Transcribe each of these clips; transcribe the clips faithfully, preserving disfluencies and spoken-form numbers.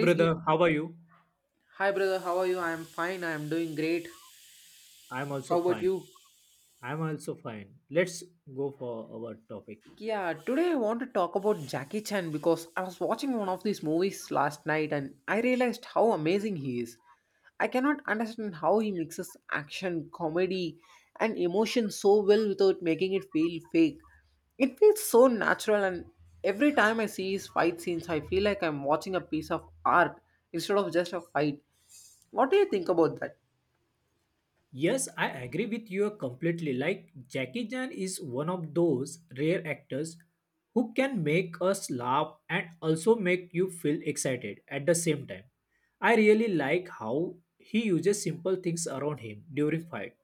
Please geek. Brother, how are you? Hi brother, how are you? I'm fine. I'm doing great. I'm also How about fine. you? I'm also fine. Let's go for our topic. Yeah, today I want to talk about Jackie Chan because I was watching one of these movies last night and I realized how amazing he is. I cannot understand how he mixes action, comedy, and emotion so well without making it feel fake. It feels so natural, and every time I see his fight scenes, I feel like I'm watching a piece of art instead of just a fight. What do you think about that? Yes, I agree with you completely. Like, Jackie Chan is one of those rare actors who can make us laugh and also make you feel excited at the same time. I really like how he uses simple things around him during fight,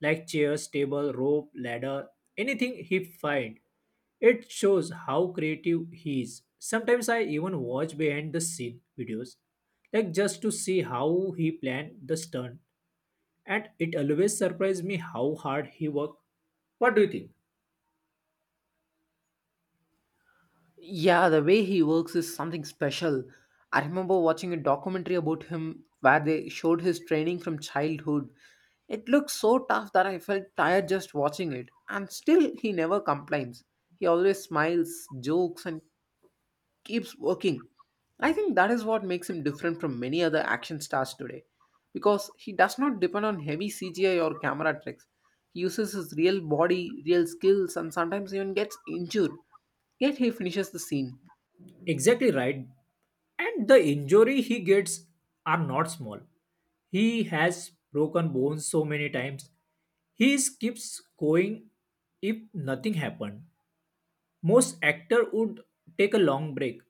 like chairs, table, rope, ladder, anything he find. It shows how creative he is. Sometimes I even watch behind the scene videos, like just to see how he planned the stunt, and it always surprised me how hard he worked. What do you think? Yeah, the way he works is something special. I remember watching a documentary about him where they showed his training from childhood. It looked so tough that I felt tired just watching it. And still, he never complains. He always smiles, jokes, and keeps working. I think that is what makes him different from many other action stars today. Because he does not depend on heavy C G I or camera tricks. He uses his real body, real skills, and sometimes even gets injured. Yet he finishes the scene. Exactly right. And the injury he gets are not small. He has broken bones so many times. He keeps going if nothing happened. Most actor would take a long break,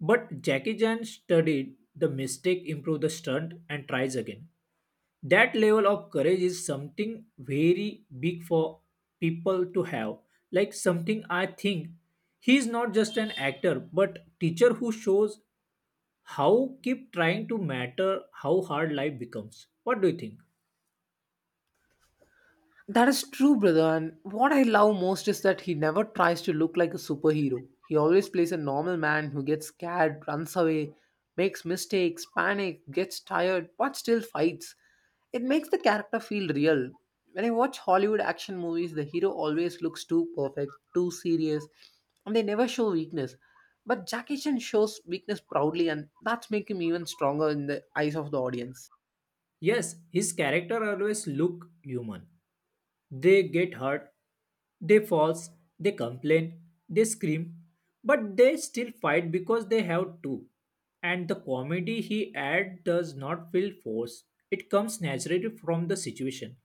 but Jackie Chan studied the mistake, improve the stunt, and tries again. That level of courage is something very big for people to have, like something I think he is not just an actor but teacher who shows how keep trying to matter how hard life becomes. What do you think? That is true, brother. And what I love most is that he never tries to look like a superhero. He always plays a normal man who gets scared, runs away, makes mistakes, panic, gets tired, but still fights. It makes the character feel real. When I watch Hollywood action movies, the hero always looks too perfect, too serious, and they never show weakness. But Jackie Chan shows weakness proudly, and that's make him even stronger in the eyes of the audience. Yes, his character always look human. They get hurt, they falls, they complain, they scream, but they still fight because they have to. And the comedy he add does not feel forced. It comes naturally from the situation.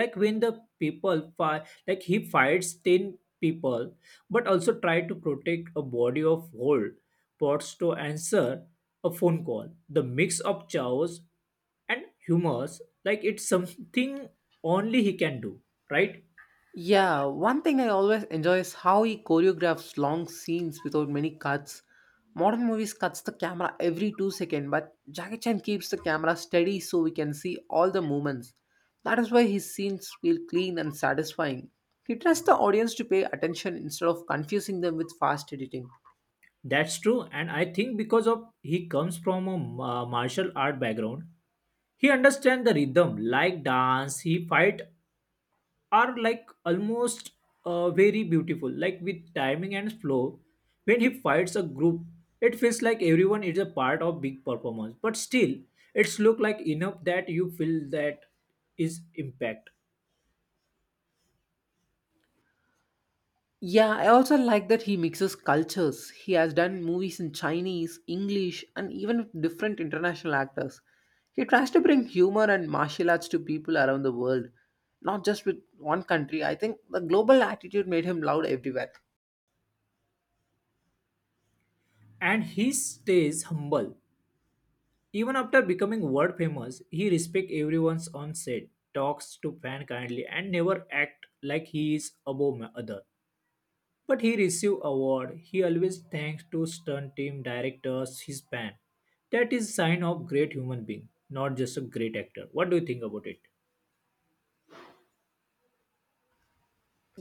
Like when the people fight, like he fights ten people, but also try to protect a body of whole pots to answer a phone call. The mix of chaos and humors, like it's something only he can do, right? Yeah, one thing I always enjoy is how he choreographs long scenes without many cuts. Modern movies cuts the camera every two seconds, but Jackie Chan keeps the camera steady so we can see all the movements. That is why his scenes feel clean and satisfying. He trusts the audience to pay attention instead of confusing them with fast editing. That's true. And I think because of he comes from a ma- martial art background, he understands the rhythm like dance. He fight are like almost uh, very beautiful, like with timing and flow. When he fights a group, it feels like everyone is a part of big performance, but still it's look like enough that you feel that is impact. Yeah, I also like that he mixes cultures. He has done movies in Chinese, English, and even with different international actors. He tries to bring humor and martial arts to people around the world, not just with one country. I think the global attitude made him loved everywhere. And he stays humble. Even after becoming world famous, he respects everyone's on set, talks to fan kindly, and never act like he is above ma- other. But he receive award. He always thanks to stunt team directors his fan. That is sign of great human being, not just a great actor. What do you think about it?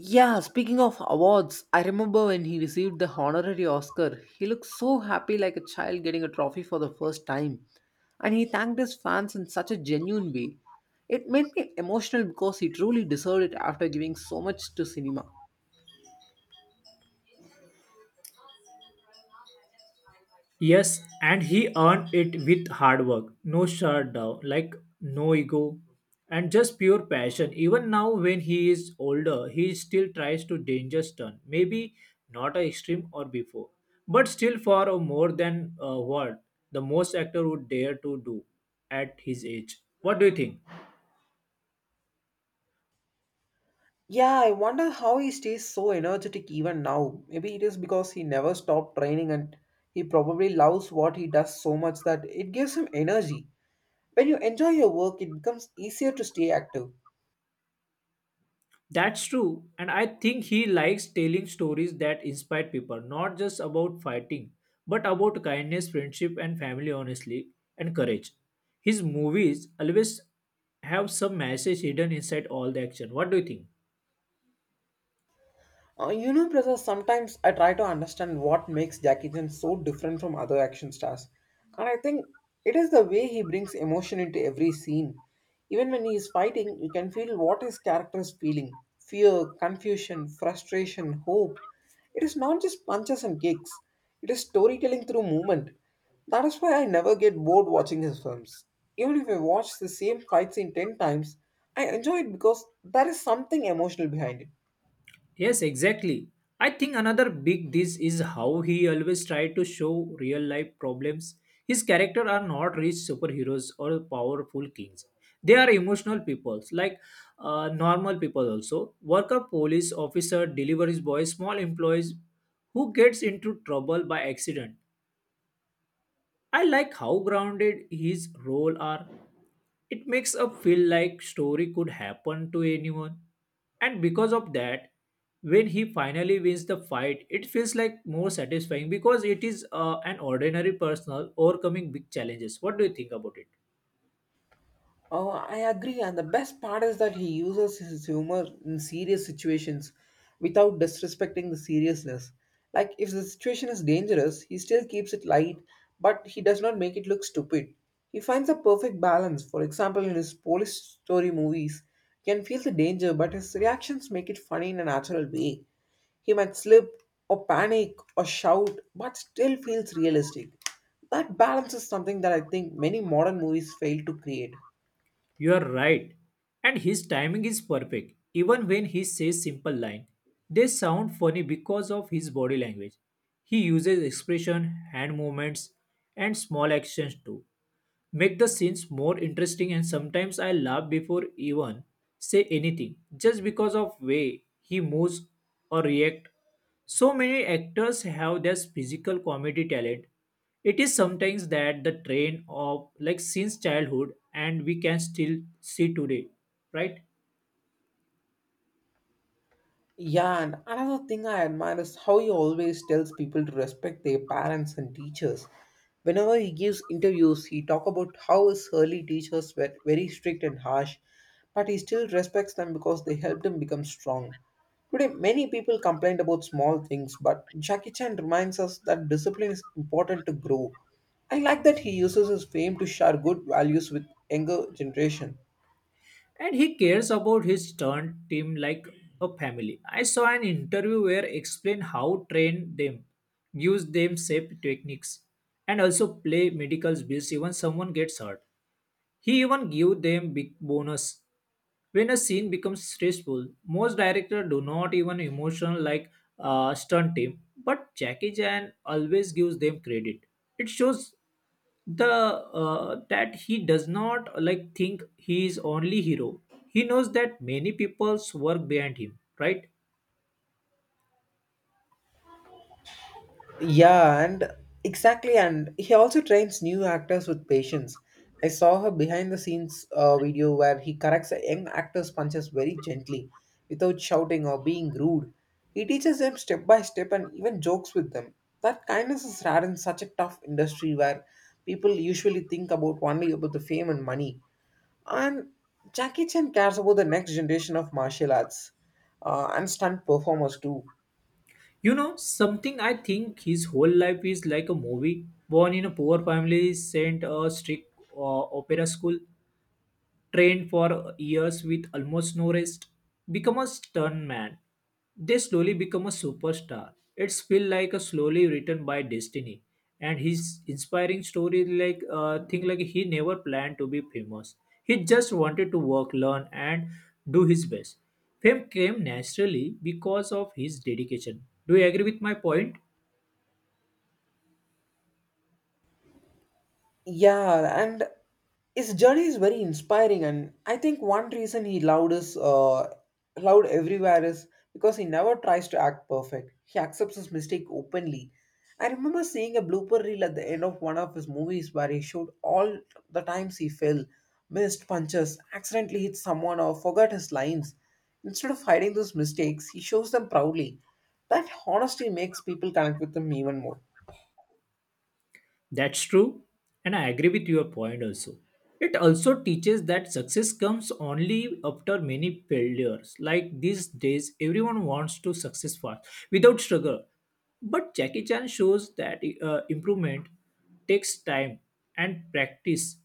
Yeah, speaking of awards, I remember when he received the honorary Oscar. He looked so happy like a child getting a trophy for the first time. And he thanked his fans in such a genuine way. It made me emotional because he truly deserved it after giving so much to cinema. Yes, and he earned it with hard work, no shutdown, like no ego, and just pure passion. Even now, when he is older, he still tries to dangerous turn. Maybe not a extreme or before, but still far or more than uh, what the most actor would dare to do at his age. What do you think? Yeah, I wonder how he stays so energetic even now. Maybe it is because he never stopped training and he probably loves what he does so much that it gives him energy. When you enjoy your work, it becomes easier to stay active. That's true. And I think he likes telling stories that inspire people, not just about fighting, but about kindness, friendship, and family, honestly, and courage. His movies always have some message hidden inside all the action. What do you think? Uh, you know, Prasad, sometimes I try to understand what makes Jackie Chan so different from other action stars. And I think it is the way he brings emotion into every scene. Even when he is fighting, you can feel what his character is feeling fear, confusion, frustration, hope. It is not just punches and kicks, it is storytelling through movement. That is why I never get bored watching his films. Even if I watch the same fight scene ten times, I enjoy it because there is something emotional behind it. Yes, exactly. I think another big this is how he always tried to show real life problems. His character are not rich superheroes or powerful kings. They are emotional peoples, like uh, normal people also. Worker, police officer, delivery boy, small employees who gets into trouble by accident. I like how grounded his role are. It makes a feel like story could happen to anyone. And because of that, when he finally wins the fight, it feels like more satisfying because it is uh, an ordinary personal overcoming big challenges. What do you think about it? Oh, I agree. And the best part is that he uses his humor in serious situations without disrespecting the seriousness. Like, if the situation is dangerous, he still keeps it light, but he does not make it look stupid. He finds a perfect balance. For example, in his police story movies, he can feel the danger, but his reactions make it funny in a natural way. He might slip, or panic, or shout, but still feels realistic. That balance is something that I think many modern movies fail to create. You are right. And his timing is perfect. Even when he says simple line, they sound funny because of his body language. He uses expression, hand movements, and small actions too make the scenes more interesting, and sometimes I laugh before even say anything just because of way he moves or react. So many actors have this physical comedy talent. It is sometimes that the train of like since childhood and we can still see today, right? Yeah, and another thing I admire is how he always tells people to respect their parents and teachers. Whenever he gives interviews, he talk about how his early teachers were very strict and harsh, but he still respects them because they helped him become strong. Today, many people complain about small things, but Jackie Chan reminds us that discipline is important to grow. I like that he uses his fame to share good values with younger generation. And he cares about his turned team like a family. I saw an interview where explain how train them, use them safe techniques, and also play medicals bills even someone gets hurt. He even give them big bonus when a scene becomes stressful. Most directors do not even emotion like uh, stunt team, but Jackie Chan always gives them credit. It shows the uh, that he does not like think he is only hero. He knows that many people's work behind him, right? Yeah, and exactly. And he also trains new actors with patience. I saw her behind the scenes uh, video where he corrects a young actor's punches very gently, without shouting or being rude. He teaches them step by step and even jokes with them. That kindness is rare in such a tough industry where people usually think about only about the fame and money. And Jackie Chan cares about the next generation of martial arts uh, and stunt performers too. You know something. I think his whole life is like a movie. Born in a poor family, sent a strict uh, opera school, trained for years with almost no rest, become a stuntman. They slowly become a superstar. It's feel like a slowly written by destiny. And his inspiring story, like uh, thing like he never planned to be famous. He just wanted to work, learn, and do his best. Fame came naturally because of his dedication. Do you agree with my point? Yeah, and his journey is very inspiring, and I think one reason he loved is uh, loved everywhere is because he never tries to act perfect. He accepts his mistake openly. I remember seeing a blooper reel at the end of one of his movies where he showed all the times he fell, missed punches, accidentally hit someone, or forgot his lines. Instead of hiding those mistakes, he shows them proudly. That honesty makes people connect with him even more. That's true, and I agree with your point also. It also teaches that success comes only after many failures. Like these days, everyone wants to success fast without struggle. But Jackie Chan shows that uh, improvement takes time and practice.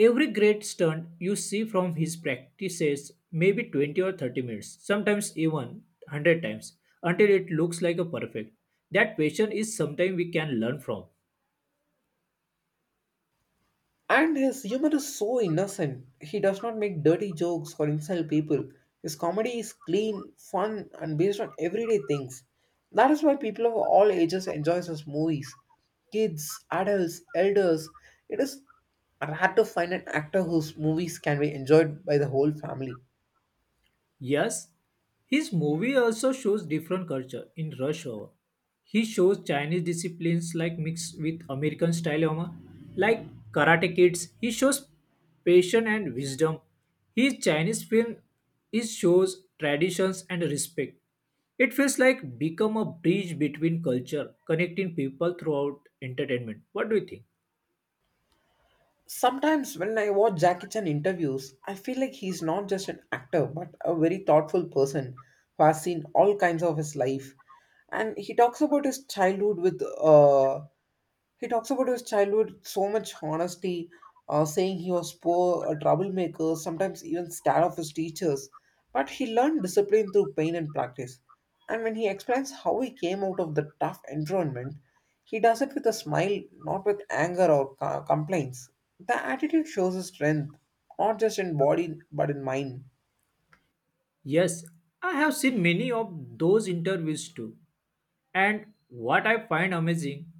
Every great stunt you see from his practices maybe twenty or thirty minutes, sometimes even hundred times, until it looks like a perfect. That passion is something we can learn from. And his humor is so innocent. He does not make dirty jokes or insult people. His comedy is clean, fun, and based on everyday things. That is why people of all ages enjoy his movies. Kids, adults, elders. It is rare to find an actor whose movies can be enjoyed by the whole family. Yes, his movie also shows different culture in Rush Hour. He shows Chinese disciplines like mixed with American style humor, like Karate Kids. He shows passion and wisdom. His Chinese film is shows traditions and respect. It feels like become a bridge between culture, connecting people throughout entertainment. What do you think? Sometimes when I watch Jackie Chan interviews, I feel like he's not just an actor but a very thoughtful person who has seen all kinds of his life. And he talks about his childhood with uh, he talks about his childhood with so much honesty, uh, saying he was poor, a troublemaker, sometimes even scared of his teachers. But he learned discipline through pain and practice. And when he explains how he came out of the tough environment, he does it with a smile, not with anger or co- complaints. The attitude shows his strength, not just in body but in mind. Yes, I have seen many of those interviews too. And what I find amazing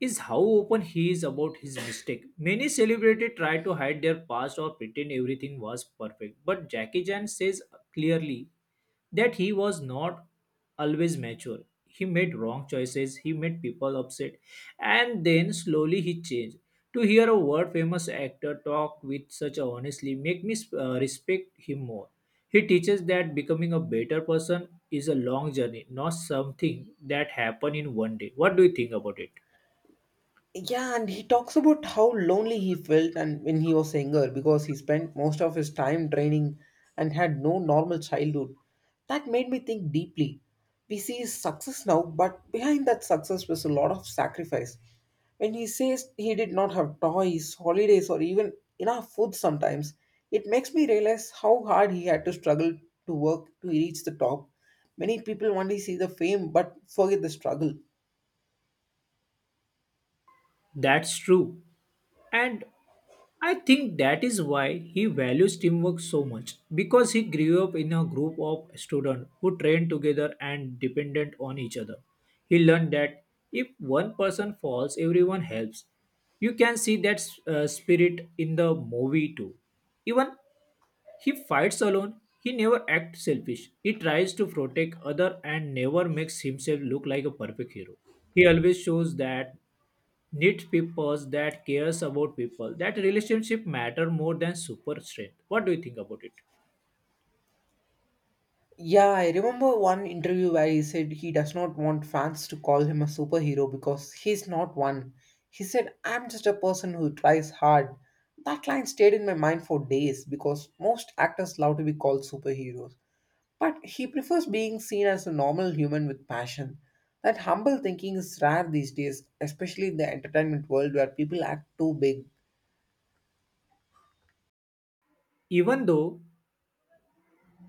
is how open he is about his mistake. Many celebrities try to hide their past or pretend everything was perfect, but Jackie Chan says clearly that he was not always mature. He made wrong choices, he made people upset, and then slowly he changed. To hear a world famous actor talk with such honestly make me uh, respect him more. He teaches that becoming a better person is a long journey, not something that happen in one day. What do you think about it? Yeah, and he talks about how lonely he felt and when he was younger because he spent most of his time training and had no normal childhood. That made me think deeply. We see his success now, but behind that success was a lot of sacrifice. When he says he did not have toys, holidays, or even enough food sometimes, it makes me realize how hard he had to struggle to work to reach the top. Many people only see the fame but forget the struggle. That's true. And I think that is why he values teamwork so much, because he grew up in a group of students who trained together and dependent on each other. He learned that if one person falls, everyone helps. You can see that uh, spirit in the movie too. Even he fights alone, he never acts selfish. He tries to protect other and never makes himself look like a perfect hero. He always shows that need people, that cares about people, that relationship matter more than super strength. What do you think about it? Yeah, I remember one interview where he said he does not want fans to call him a superhero because he's not one. He said, I'm just a person who tries hard. That line stayed in my mind for days because most actors love to be called superheroes. But he prefers being seen as a normal human with passion. That humble thinking is rare these days, especially in the entertainment world where people act too big. Even though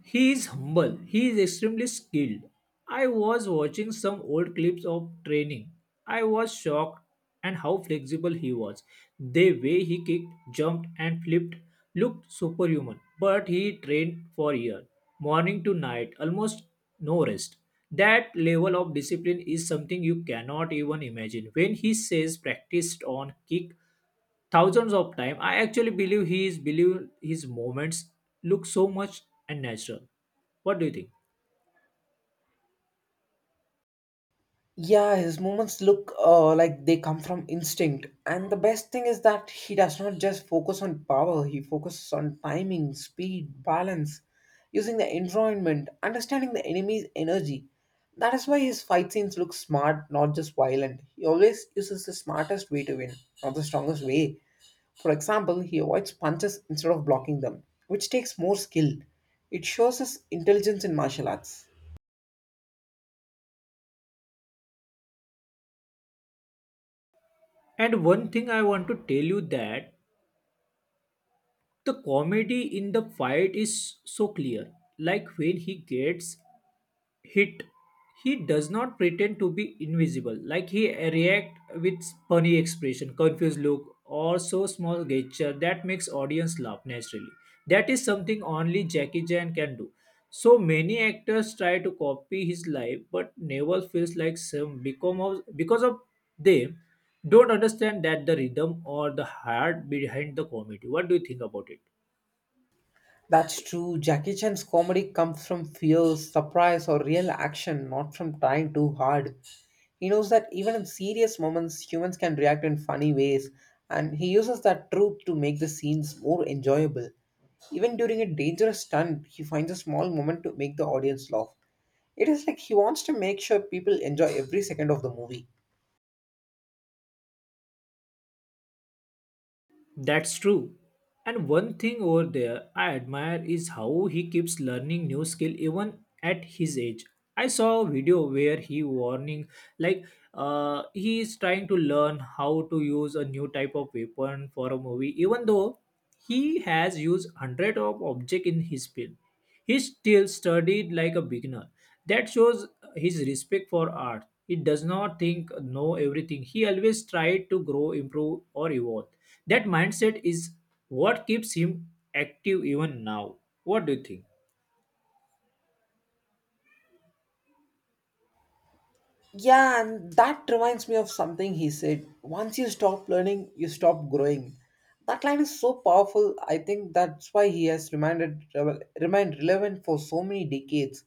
he is humble, he is extremely skilled. I was watching some old clips of training. I was shocked and how flexible he was. The way he kicked, jumped and flipped looked superhuman. But he trained for years, morning to night, almost no rest. That level of discipline is something you cannot even imagine. When he says practiced on kick thousands of time, I actually believe he is believe his moments look so much and natural. What do you think? Yeah, his movements look uh, like they come from instinct. And the best thing is that he does not just focus on power, he focuses on timing, speed, balance, using the environment, understanding the enemy's energy. That is why his fight scenes look smart, not just violent. He always uses the smartest way to win, not the strongest way. For example, he avoids punches instead of blocking them, which takes more skill. It shows his intelligence in martial arts. And one thing I want to tell you that the comedy in the fight is so clear. Like when he gets hit, he does not pretend to be invisible. Like he react with funny expression, confused look, or so small gesture that makes audience laugh naturally. That is something only Jackie Chan can do. So many actors try to copy his life but never feels like some become of, because of them don't understand that the rhythm or the heart behind the comedy. What do you think about it? That's true. Jackie Chan's comedy comes from fear, surprise, or real action, not from trying too hard. He knows that even in serious moments, humans can react in funny ways, and he uses that truth to make the scenes more enjoyable. Even during a dangerous stunt, he finds a small moment to make the audience laugh. It is like he wants to make sure people enjoy every second of the movie. That's true. And one thing over there I admire is how he keeps learning new skill even at his age. I saw a video where he warning like uh, he is trying to learn how to use a new type of weapon for a movie, even though he has used hundred of object in his film. He still studied like a beginner. That shows his respect for art. He does not think know everything. He always tried to grow, improve, or evolve. That mindset is what keeps him active even now. What do you think? Yeah, and that reminds me of something he said. Once you stop learning, you stop growing. That line is so powerful. I think that's why he has reminded remained relevant for so many decades.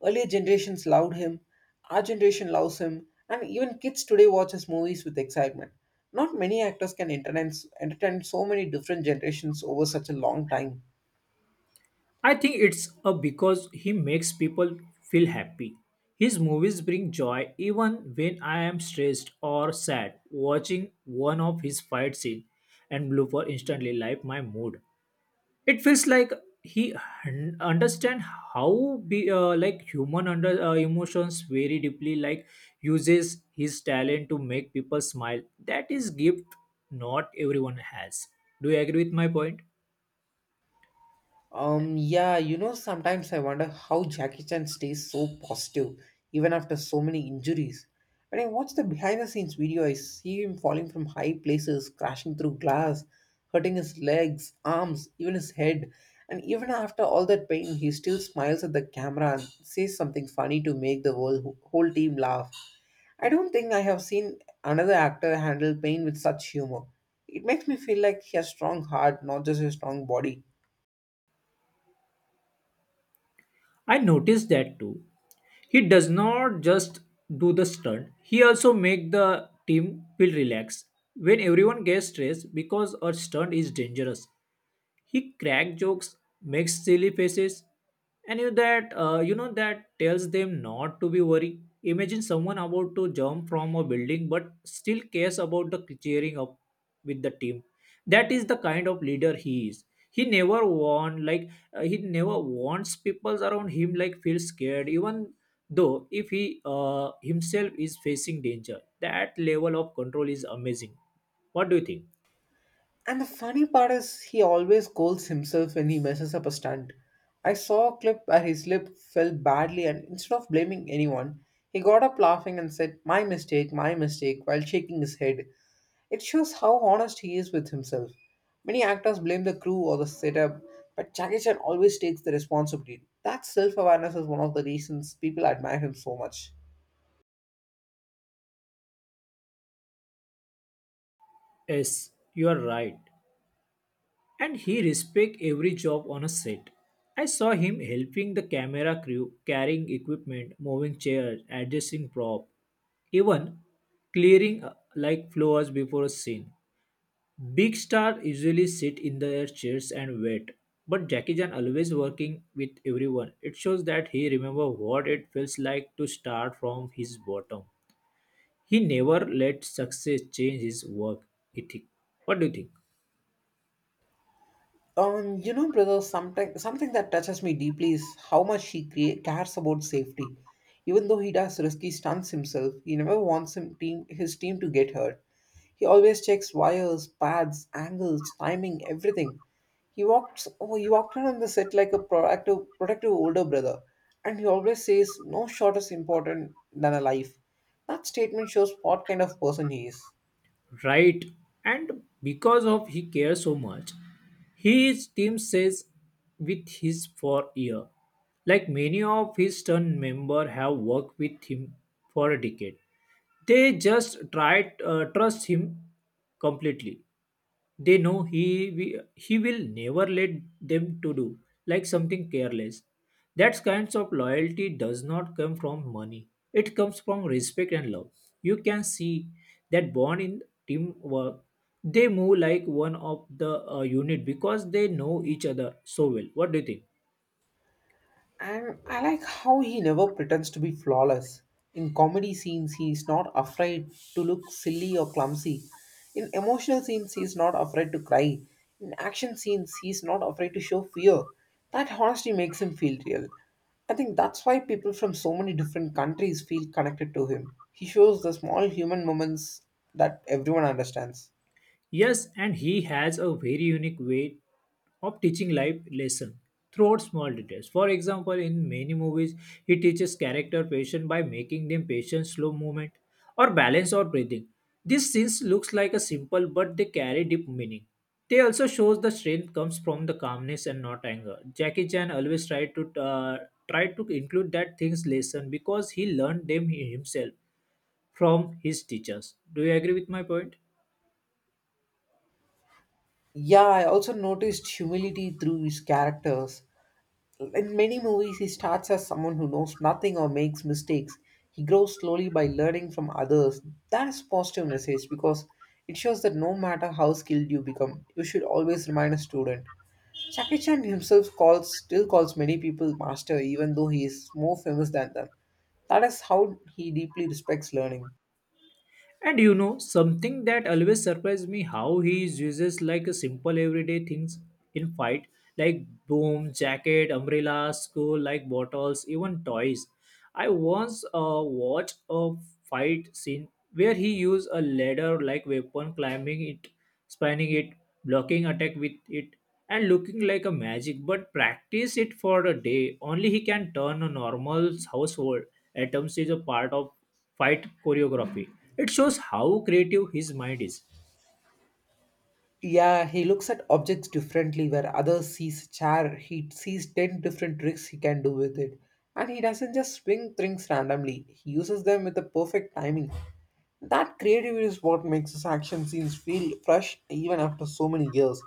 Earlier generations loved him, our generation loves him, and even kids today watch his movies with excitement. Not many actors can entertain, entertain so many different generations over such a long time. I think it's uh, because he makes people feel happy. His movies bring joy even when I am stressed or sad. Watching one of his fight scene and blooper instantly light my mood. It feels like he un- understand how be uh, like human under uh, emotions very deeply, like uses his talent to make people smile. That is gift not everyone has. Do you agree with my point? Um, yeah, you know, sometimes I wonder how Jackie Chan stays so positive even after so many injuries. When I watch the behind the scenes video, I see him falling from high places, crashing through glass, hurting his legs, arms, even his head. And even after all that pain, he still smiles at the camera and says something funny to make the whole, whole team laugh. I don't think I have seen another actor handle pain with such humor. It makes me feel like he has strong heart, not just a strong body. I noticed that too. He does not just do the stunt, he also make the team feel relaxed. When everyone gets stressed because a stunt is dangerous, he crack jokes, makes silly faces, and you that uh, you know that tells them not to be worried. Imagine someone about to jump from a building but still cares about the cheering up with the team. That is the kind of leader he is. He never want like uh, he never wants people around him like feel scared even though, if he uh, himself is facing danger, that level of control is amazing. What do you think? And the funny part is, he always scolds himself when he messes up a stunt. I saw a clip where his lip fell badly, and instead of blaming anyone, he got up laughing and said, "My mistake, my mistake," while shaking his head. It shows how honest he is with himself. Many actors blame the crew or the setup, but Jackie Chan always takes the responsibility. That self awareness is one of the reasons people admire him so much. Yes, you are right. And he respect every job on a set. I saw him helping the camera crew, carrying equipment, moving chairs, adjusting prop, even clearing uh, like floors before a scene. Big stars usually sit in their chairs and wait, but Jackie Chan always working with everyone. It shows that he remembers what it feels like to start from his bottom. He never let success change his work ethic. What do you think? Um, you know, brother, something something that touches me deeply is how much he crea- cares about safety. Even though he does risky stunts himself, he never wants him team, his team to get hurt. He always checks wires, pads, angles, timing, everything. He walks. Oh, he walked around the set like a proactive, protective older brother, and he always says, "No shot is important than a life." That statement shows what kind of person he is. Right. And because of he cares so much, his team says with his for year. Like many of his turn member have worked with him for a decade. They just try uh, trust him completely. They know he wi- he will never let them to do like something careless. That kinds of loyalty does not come from money, it comes from respect and love. You can see that born in teamwork. They move like one of the uh, unit because they know each other so well. What do you think? And I like how he never pretends to be flawless. In comedy scenes, he is not afraid to look silly or clumsy. In emotional scenes, he is not afraid to cry. In action scenes, he is not afraid to show fear. That honesty makes him feel real. I think that's why people from so many different countries feel connected to him. He shows the small human moments that everyone understands. Yes, and he has a very unique way of teaching life lesson throughout small details. For example, in many movies, he teaches character patience by making them patient, slow movement, or balance or breathing. These scenes looks like a simple, but they carry deep meaning. They also shows the strength comes from the calmness and not anger. Jackie Chan always tried to uh, tried to include that things lesson because he learned them himself from his teachers. Do you agree with my point? Yeah, I also noticed humility through his characters. In many movies, he starts as someone who knows nothing or makes mistakes. He grows slowly by learning from others. That is positive message because it shows that no matter how skilled you become, you should always remain a student. Jackie Chan himself calls still calls many people master even though he is more famous than them. That is how he deeply respects learning. And you know, something that always surprised me how he uses like a simple everyday things in fight, like boom, jacket, umbrella, school, like bottles, even toys. I once uh, watched a fight scene where he used a ladder like weapon, climbing it, spanning it, blocking attack with it, and looking like a magic. But practice it for a day. Only he can turn a normal household atoms is a part of fight choreography. It shows how creative his mind is. Yeah, he looks at objects differently. Where others sees a chair, he sees ten different tricks he can do with it, and he doesn't just swing things randomly. He uses them with the perfect timing. That creativity is what makes his action scenes feel fresh even after so many years.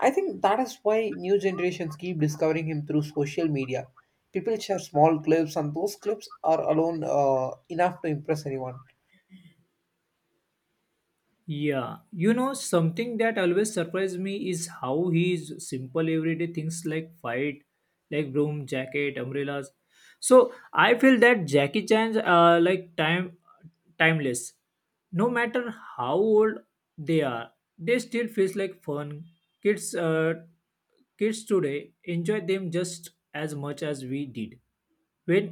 I think that is why new generations keep discovering him through social media. People share small clips, and those clips are alone uh, enough to impress anyone. Yeah, you know, something that always surprised me is how he's simple everyday things like fight, like broom, jacket, umbrellas. So I feel that Jackie Chan's uh, like time timeless. No matter how old they are, they still feels like fun. Kids, uh, Kids today enjoy them just as much as we did when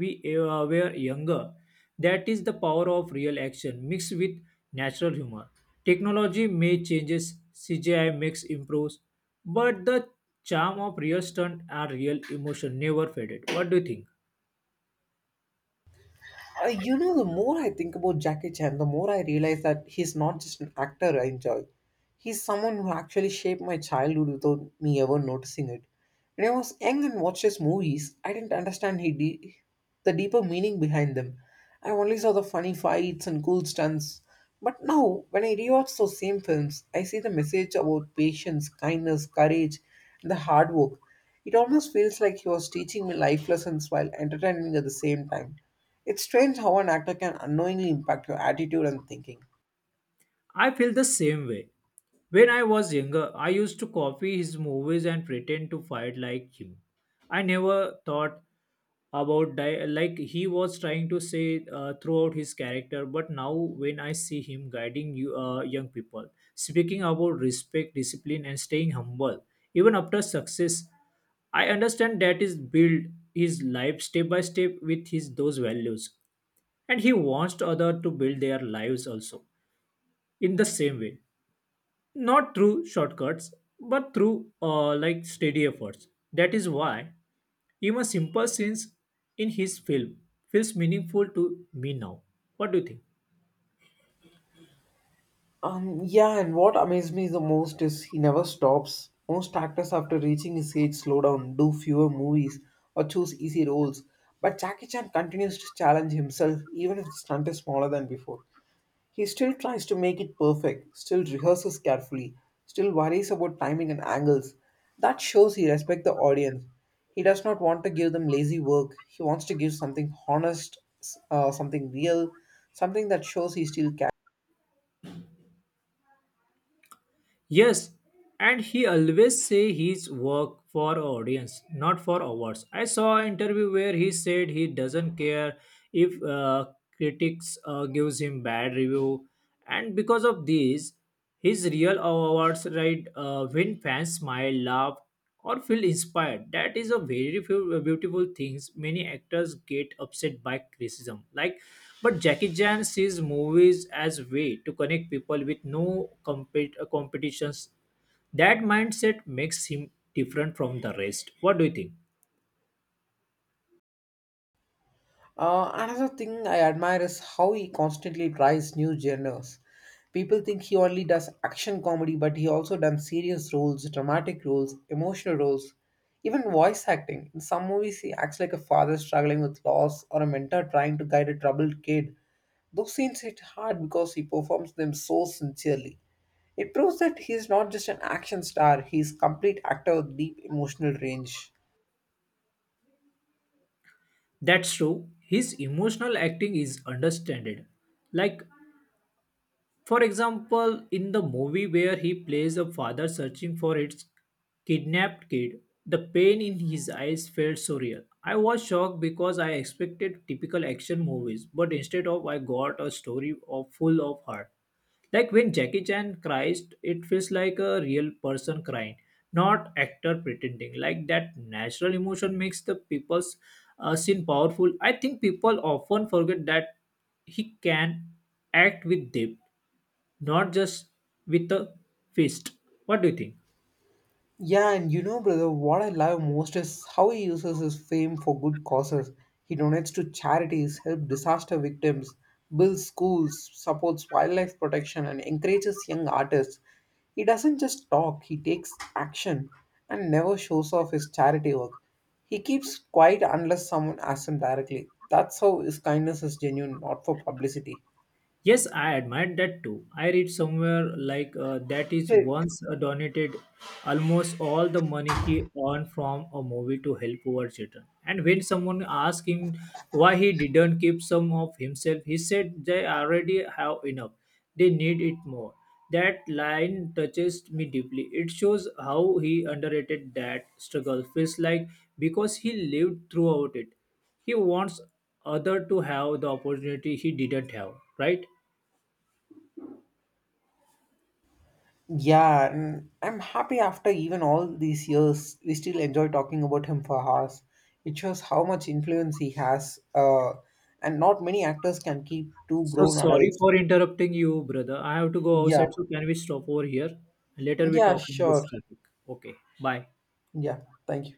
we uh, were younger. That is the power of real action mixed with natural humor. Technology may changes, C G I makes improves, but the charm of real stunt and real emotion never faded. What do you think? Uh, you know, the more I think about Jackie Chan, the more I realize that he's not just an actor I enjoy. He's someone who actually shaped my childhood without me ever noticing it. When I was young and watched his movies, I didn't understand he de- the deeper meaning behind them. I only saw the funny fights and cool stunts. But now, when I rewatch those same films, I see the message about patience, kindness, courage, and the hard work. It almost feels like he was teaching me life lessons while entertaining at the same time. It's strange how an actor can unknowingly impact your attitude and thinking. I feel the same way. When I was younger, I used to copy his movies and pretend to fight like him. I never thought about di- like he was trying to say uh, throughout his character. But now when I see him guiding you uh, young people, speaking about respect, discipline, and staying humble even after success, I understand that is build his life step by step with his those values, and he wants other to build their lives also in the same way, not through shortcuts but through uh, like steady efforts. That is why even simple scenes in his film feels meaningful to me now. What do you think? Um, yeah, and what amazed me the most is he never stops. Most actors, after reaching his age, slow down, do fewer movies, or choose easy roles. But Jackie Chan continues to challenge himself, even if the stunt is smaller than before. He still tries to make it perfect, still rehearses carefully, still worries about timing and angles. That shows he respects the audience. He does not want to give them lazy work. He wants to give something honest, s- uh, something real, something that shows he still cares. Yes, and he always say his work for audience not for awards. I saw an interview where he said he doesn't care if uh, critics uh, gives him bad review, and because of this his real awards, right uh, when fans smile, laugh, or feel inspired. That is a very few uh, beautiful things. Many actors get upset by criticism. Like, but Jackie Chan sees movies as way to connect people with no compet- uh, competitions. That mindset makes him different from the rest. What do you think? Uh, another thing I admire is how he constantly tries new genres. People think he only does action comedy, but he also done serious roles, dramatic roles, emotional roles, even voice acting. In some movies, he acts like a father struggling with loss or a mentor trying to guide a troubled kid. Those scenes hit hard because he performs them so sincerely. It proves that he is not just an action star; he is complete actor with deep emotional range. That's true. His emotional acting is understanded. Like, for example, in the movie where he plays a father searching for his kidnapped kid, the pain in his eyes felt so real. I was shocked because I expected typical action movies, but instead of I got a story of full of heart. Like when Jackie Chan cries, it feels like a real person crying, not actor pretending. Like that natural emotion makes the people's uh, scene powerful. I think people often forget that he can act with depth, not just with a fist. What do you think? Yeah, and you know, brother, what I love most is how he uses his fame for good causes. He donates to charities, helps disaster victims, builds schools, supports wildlife protection, and encourages young artists. He doesn't just talk, he takes action and never shows off his charity work. He keeps quiet unless someone asks him directly. That's how his kindness is genuine, not for publicity. Yes, I admire that too. I read somewhere like uh, that is Hey. once uh, donated almost all the money he earned from a movie to help poor children. And when someone asked him why he didn't keep some of himself, he said they already have enough. They need it more. That line touches me deeply. It shows how he underrated that struggle. Feels like because he lived throughout it, he wants other to have the opportunity he didn't have. Right? Yeah, and I'm happy after even all these years, we still enjoy talking about him for hours. It shows how much influence he has, uh, and not many actors can keep two So grown sorry adults. for interrupting you, brother. I have to go Yeah, outside, so can we stop over here? Later we yeah, talk on this sure. topic. Okay, bye. Yeah, thank you.